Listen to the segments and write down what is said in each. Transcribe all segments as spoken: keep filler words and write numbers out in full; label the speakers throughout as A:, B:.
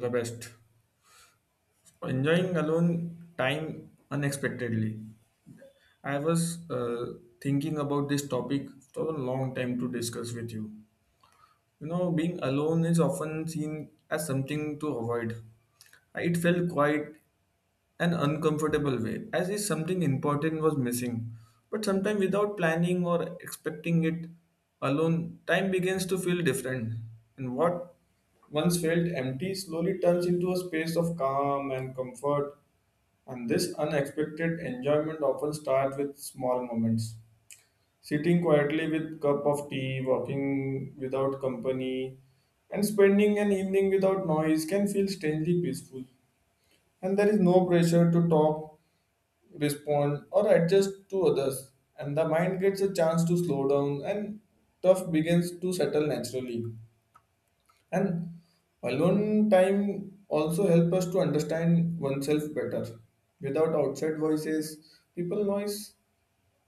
A: The best. Enjoying alone time unexpectedly. I was uh, thinking about this topic for a long time to discuss with you. You know, being alone is often seen as something to avoid. It felt quite an uncomfortable way, as if something important was missing. But sometimes, without planning or expecting it alone, time begins to feel different. And what once felt empty slowly turns into a space of calm and comfort. And this unexpected enjoyment often starts with small moments. Sitting quietly with cup of tea, walking without company, and spending an evening without noise can feel strangely peaceful. And there is no pressure to talk, respond, or adjust to others. And the mind gets a chance to slow down, and stuff begins to settle naturally. And alone time also helps us to understand oneself better. Without outside voices, people noise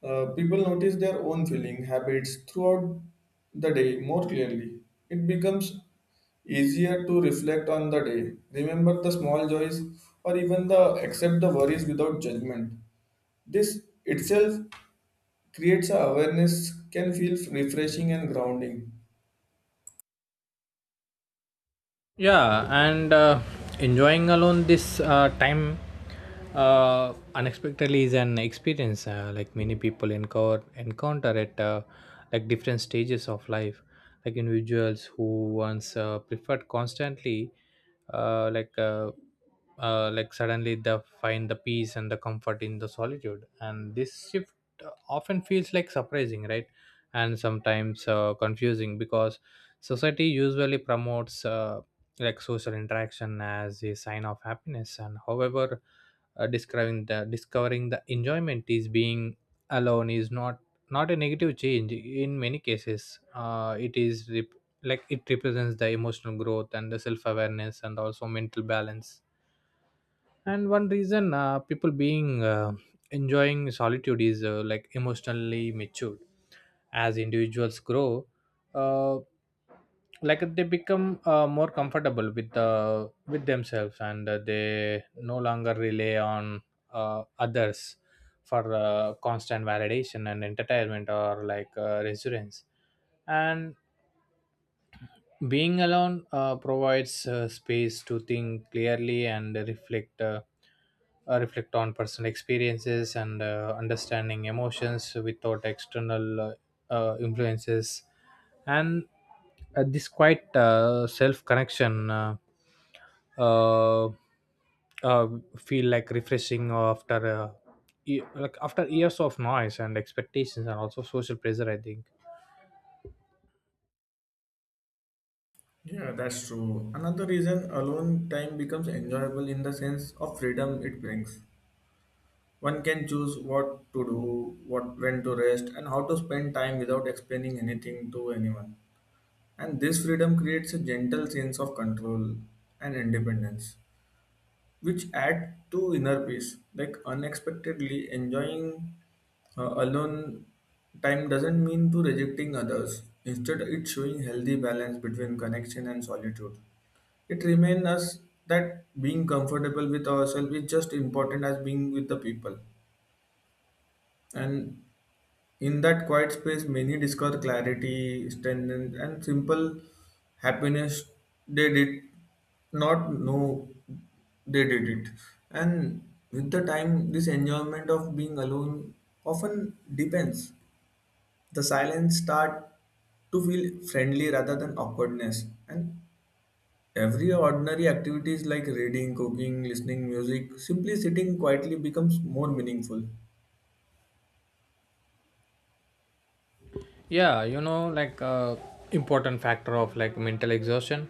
A: uh, people notice their own feeling habits throughout the day more clearly. It becomes easier to reflect on the day, remember the small joys, or even the accept the worries without judgment. This itself creates a awareness can feel refreshing and grounding.
B: Yeah, and uh, enjoying alone this uh, time uh, unexpectedly is an experience, uh, like many people encounter encounter at uh, like different stages of life, like individuals who once uh, preferred constantly uh, like uh, uh, like suddenly they find the peace and the comfort in the solitude. And this shift uh, often feels like surprising, right? And sometimes uh, confusing, because society usually promotes uh, like social interaction as a sign of happiness. And however, uh, describing the discovering the enjoyment is being alone is not not a negative change. In many cases uh, it is rep- like it represents the emotional growth and the self awareness and also mental balance. And one reason uh, people being uh, enjoying solitude is uh, like emotionally matured. As individuals grow, uh, like they become uh, more comfortable with uh, with themselves, and uh, they no longer rely on uh, others for uh, constant validation and entertainment or like uh, reassurance. And being alone uh, provides uh, space to think clearly and reflect uh, uh, reflect on personal experiences and uh, understanding emotions without external uh, uh, influences. And uh, this quite uh, self connection uh, uh, uh, feel like refreshing after uh, e- like after years of noise and expectations and also social pressure, I think.
A: Yeah, that's true. Another reason alone time becomes enjoyable in the sense of freedom it brings. One can choose what to do, what when to rest, and how to spend time without explaining anything to anyone. And this freedom creates a gentle sense of control and independence, which add to inner peace. Like unexpectedly enjoying uh, alone time doesn't mean to rejecting others. Instead, it's showing healthy balance between connection and solitude. It reminds us that being comfortable with ourselves is just important as being with the people. And in that quiet space, many discover clarity, strength, and simple happiness they did not know they did it. And with the time, this enjoyment of being alone often deepens. The silence start to feel friendly rather than awkwardness. And every ordinary activities like reading, cooking, listening music, simply sitting quietly becomes more meaningful.
B: Yeah, you know, like uh, important factor of like mental exhaustion.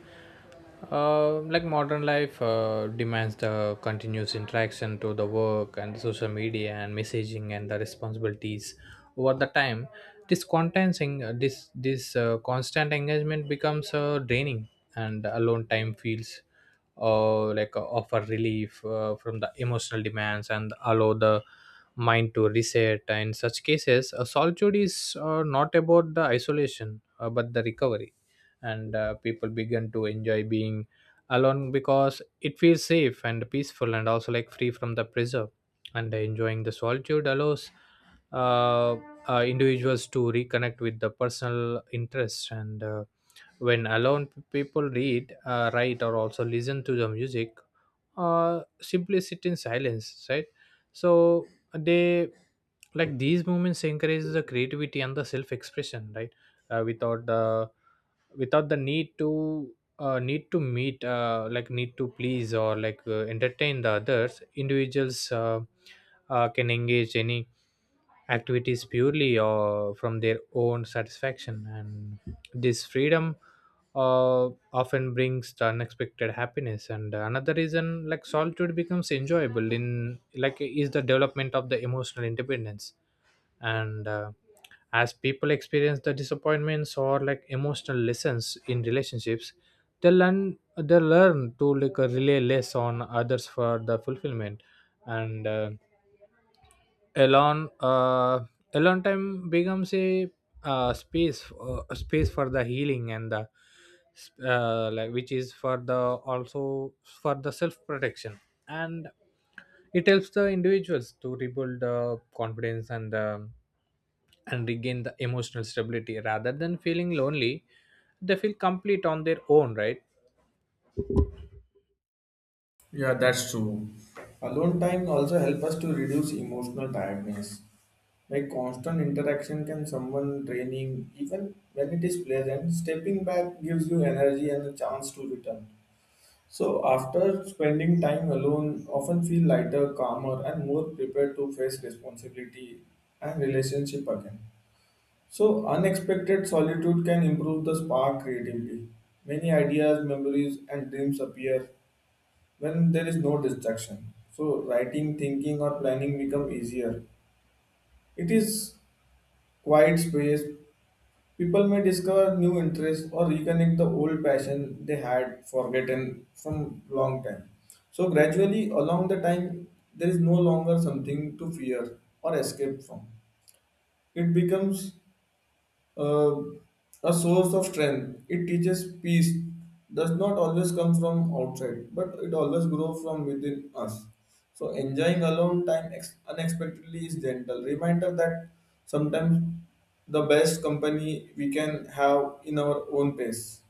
B: uh, Like modern life uh, demands the continuous interaction to the work and the social media and messaging and the responsibilities. Over the time, this content uh, this this uh, constant engagement becomes uh, draining, and alone time feels uh, like uh, offer relief uh, from the emotional demands and allow the mind to reset. In such cases, uh, solitude is uh, not about the isolation, uh, but the recovery. And uh, people begin to enjoy being alone because it feels safe and peaceful and also like free from the pressure. And enjoying the solitude allows uh, uh, individuals to reconnect with the personal interests. And uh, when alone, p- people read, uh, write or also listen to the music or simply sit in silence, right? So they, like these moments encourages the creativity and the self expression, right? uh, without the Without the need to uh, need to meet, uh, like need to please, or like uh, entertain the others, individuals uh, uh, can engage any activities purely or from their own satisfaction. And this freedom uh, often brings the unexpected happiness. And another reason like solitude becomes enjoyable in like is the development of the emotional independence. And uh, As people experience the disappointments or like emotional lessons in relationships, they learn they learn to like uh, rely less on others for the fulfillment. And uh, Elon uh, Elon time becomes a uh, space uh, space for the healing and the uh, like which is for the also for the self protection. And it helps the individuals to rebuild the confidence and the and regain the emotional stability. Rather than feeling lonely, they feel complete on their own, right?
A: Yeah, that's true. Alone time also help us to reduce emotional tiredness. Like constant interaction can someone draining even when it is pleasant, stepping back gives you energy and a chance to return. So after spending time alone often feel lighter, calmer and more prepared to face responsibility and relationship again. So unexpected solitude can improve the spark creatively. Many ideas, memories and dreams appear when there is no distraction. So writing, thinking, or planning become easier. It is quiet space. People may discover new interests or reconnect the old passion they had forgotten from long time. So gradually, along the time, there is no longer something to fear or escape from. It becomes uh, a source of strength. It teaches peace does not always come from outside, but it always grows from within us. So enjoying alone time ex- unexpectedly is gentle reminder that sometimes the best company we can have in our own pace.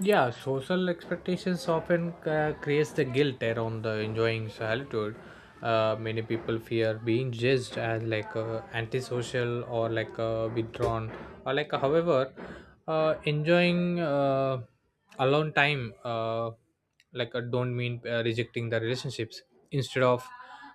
B: Yeah, social expectations often uh, creates the guilt around the enjoying solitude. Uh, many people fear being judged as like uh, antisocial or like uh, withdrawn or like uh, however uh, enjoying uh, alone time. Uh, like I don't mean uh, rejecting the relationships. Instead of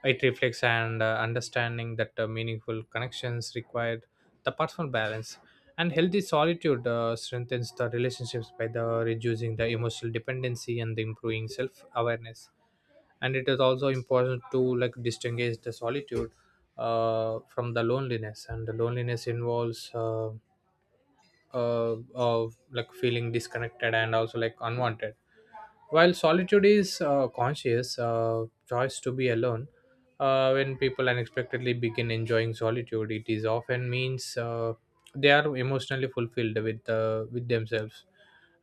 B: it reflects and uh, understanding that uh, meaningful connections required the personal balance, and healthy solitude uh, strengthens the relationships by the reducing the emotional dependency and the improving self awareness. And it is also important to like distinguish the solitude uh, from the loneliness. And the loneliness involves uh, uh, of like feeling disconnected and also like unwanted, while solitude is uh, conscious uh, choice to be alone. Uh, when people unexpectedly begin enjoying solitude, it is often means uh, they are emotionally fulfilled with uh, with themselves.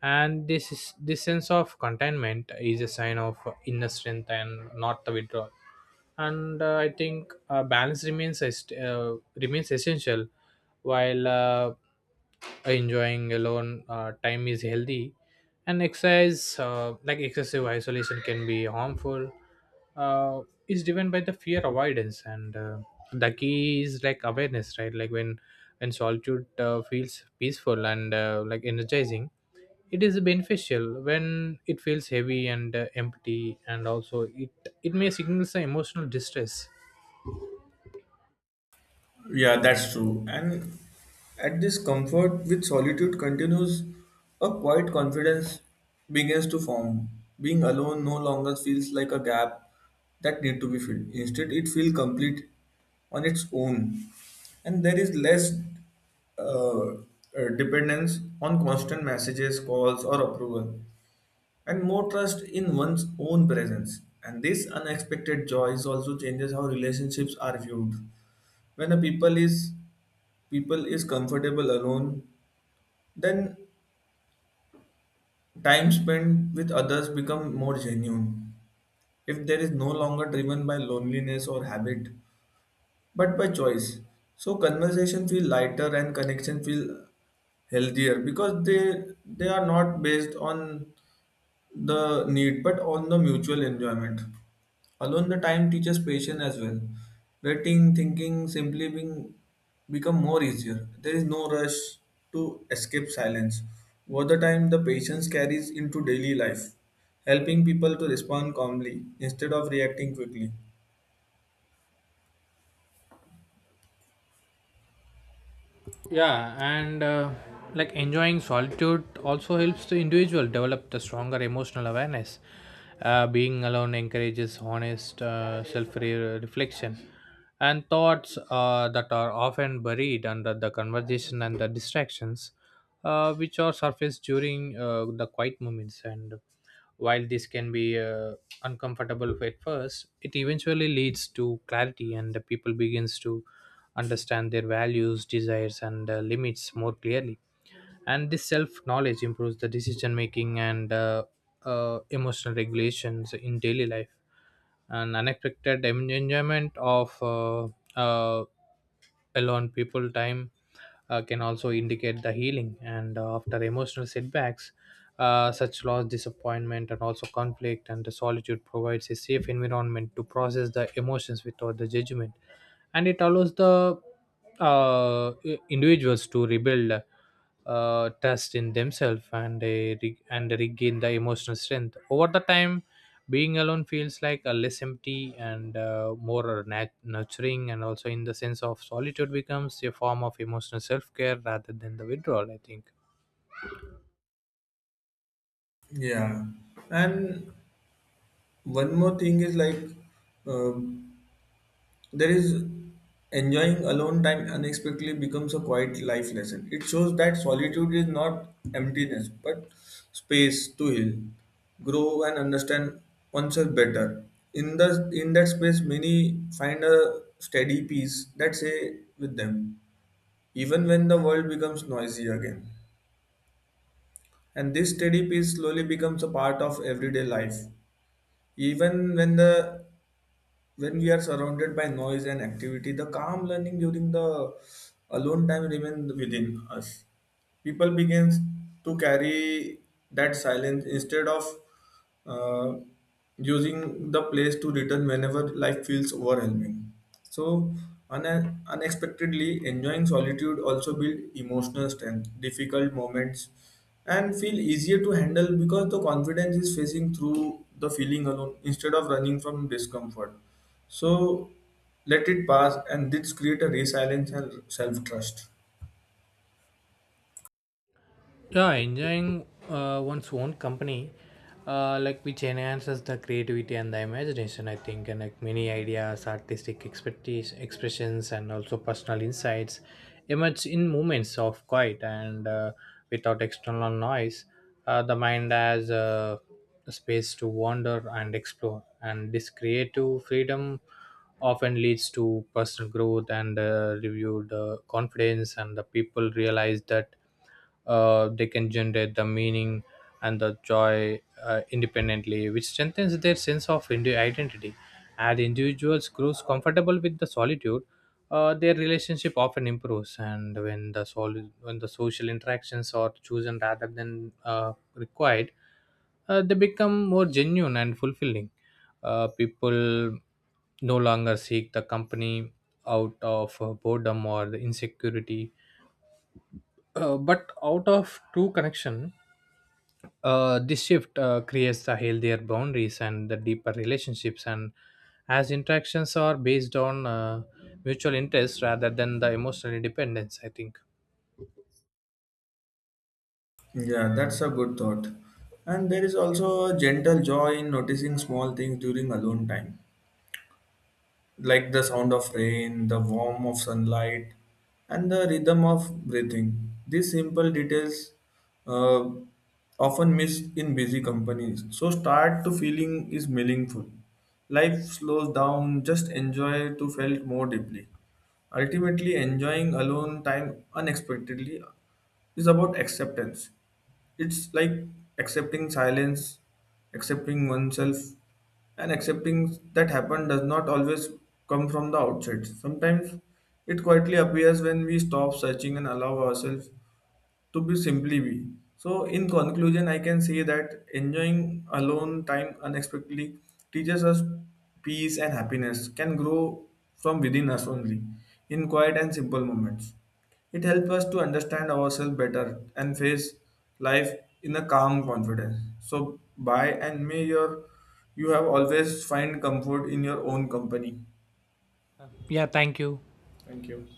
B: And this is this sense of contentment is a sign of inner strength and not the withdrawal. And uh, I think uh, balance remains est- uh, remains essential. While uh, enjoying alone uh, time is healthy and exercise, uh, like excessive isolation can be harmful, uh, is driven by the fear avoidance. And uh, The key is like awareness, right? Like when when solitude uh, feels peaceful and uh, like energizing, it is beneficial. When it feels heavy and uh, empty and also it it may signal some emotional distress.
A: Yeah, that's true. And at this comfort with solitude continues, a quiet confidence begins to form. Being alone no longer feels like a gap that need to be filled. Instead, it feels complete on its own, and there is less uh, uh, dependence on constant messages, calls, or approval, and more trust in one's own presence. And this unexpected joy is also changes how relationships are viewed. When a people is people is comfortable alone, then time spent with others become more genuine. If there is no longer driven by loneliness or habit, but by choice. So conversation feel lighter and connection feel healthier because they they are not based on the need, but on the mutual enjoyment. Alone, the time teaches patience as well. Waiting, thinking, simply being become more easier. There is no rush to escape silence. Over the time, the patience carries into daily life, helping people to respond calmly instead of reacting quickly.
B: Yeah and uh, like enjoying solitude also helps the individual develop the stronger emotional awareness. Uh, being alone encourages honest uh, self-reflection, and thoughts uh, that are often buried under the conversation and the distractions, uh, which are surfaced during uh, the quiet moments. And while this can be uh, uncomfortable at first, it eventually leads to clarity, and the people begins to understand their values, desires, and uh, limits more clearly. And this self knowledge improves the decision making and uh, uh, emotional regulations in daily life. An unexpected en- enjoyment of uh, uh, alone people time uh, can also indicate the healing, and uh, after emotional setbacks, uh, such loss disappointment and also conflict. And the solitude provides a safe environment to process the emotions without the judgment. And it allows the uh, i- individuals to rebuild uh, trust in themselves, and they re- and they regain the emotional strength over the time. Being alone feels like a less empty and uh, more nat- nurturing, and also in the sense of solitude becomes a form of emotional self-care rather than the withdrawal, I think.
A: Yeah, and one more thing is like. Um There is enjoying alone time unexpectedly becomes a quiet life lesson. It shows that solitude is not emptiness, but space to heal, grow, and understand oneself better. In the in that space, many find a steady peace that say with them, even when the world becomes noisy again. And this steady peace slowly becomes a part of everyday life, even when the when we are surrounded by noise and activity, the calm learning during the alone time remains within us. People begin to carry that silence instead of uh, using the place to return whenever life feels overwhelming. So, un- unexpectedly, enjoying solitude also build emotional strength, difficult moments, and feel easier to handle because the confidence is facing through the feeling alone instead of running from discomfort so let it pass, and this create a resilience and self trust.
B: Yeah, engineering uh, one's own company, uh, like which enhances the creativity and the imagination, I think. And like many ideas, artistic expertise, expressions, and also personal insights emerge in moments of quiet and uh, without external noise. Uh, the mind has uh, a space to wander and explore, and this creative freedom often leads to personal growth and uh, reviewed uh, confidence. And the people realize that uh, they can generate the meaning and the joy uh, independently, which strengthens their sense of indi- identity. As individuals grows comfortable with the solitude, uh, their relationship often improves. And when the sol- when the social interactions are chosen rather than uh, required, uh, they become more genuine and fulfilling. Uh, people no longer seek the company out of uh, boredom or the insecurity, uh, but out of true connection. Uh, this shift uh, creates the healthier boundaries and the deeper relationships. And as interactions are based on uh, mutual interest rather than the emotional independence, I think.
A: Yeah, that's a good thought. And there is also a gentle joy in noticing small things during alone time, like the sound of rain, the warmth of sunlight, and the rhythm of breathing. These simple details uh, often missed in busy companies. So start to feeling is meaningful. Life slows down, just enjoy to felt more deeply. Ultimately, enjoying alone time unexpectedly is about acceptance. It's like accepting silence, accepting oneself, and accepting that happen does not always come from the outside. Sometimes it quietly appears when we stop searching and allow ourselves to be simply be. So, in conclusion, I can say that enjoying alone time unexpectedly teaches us peace and happiness can grow from within us only in quiet and simple moments. It helps us to understand ourselves better and face life in a calm confidence. So, bye and may your you have always find comfort in your own company.
B: Yeah, thank you.
A: Thank you.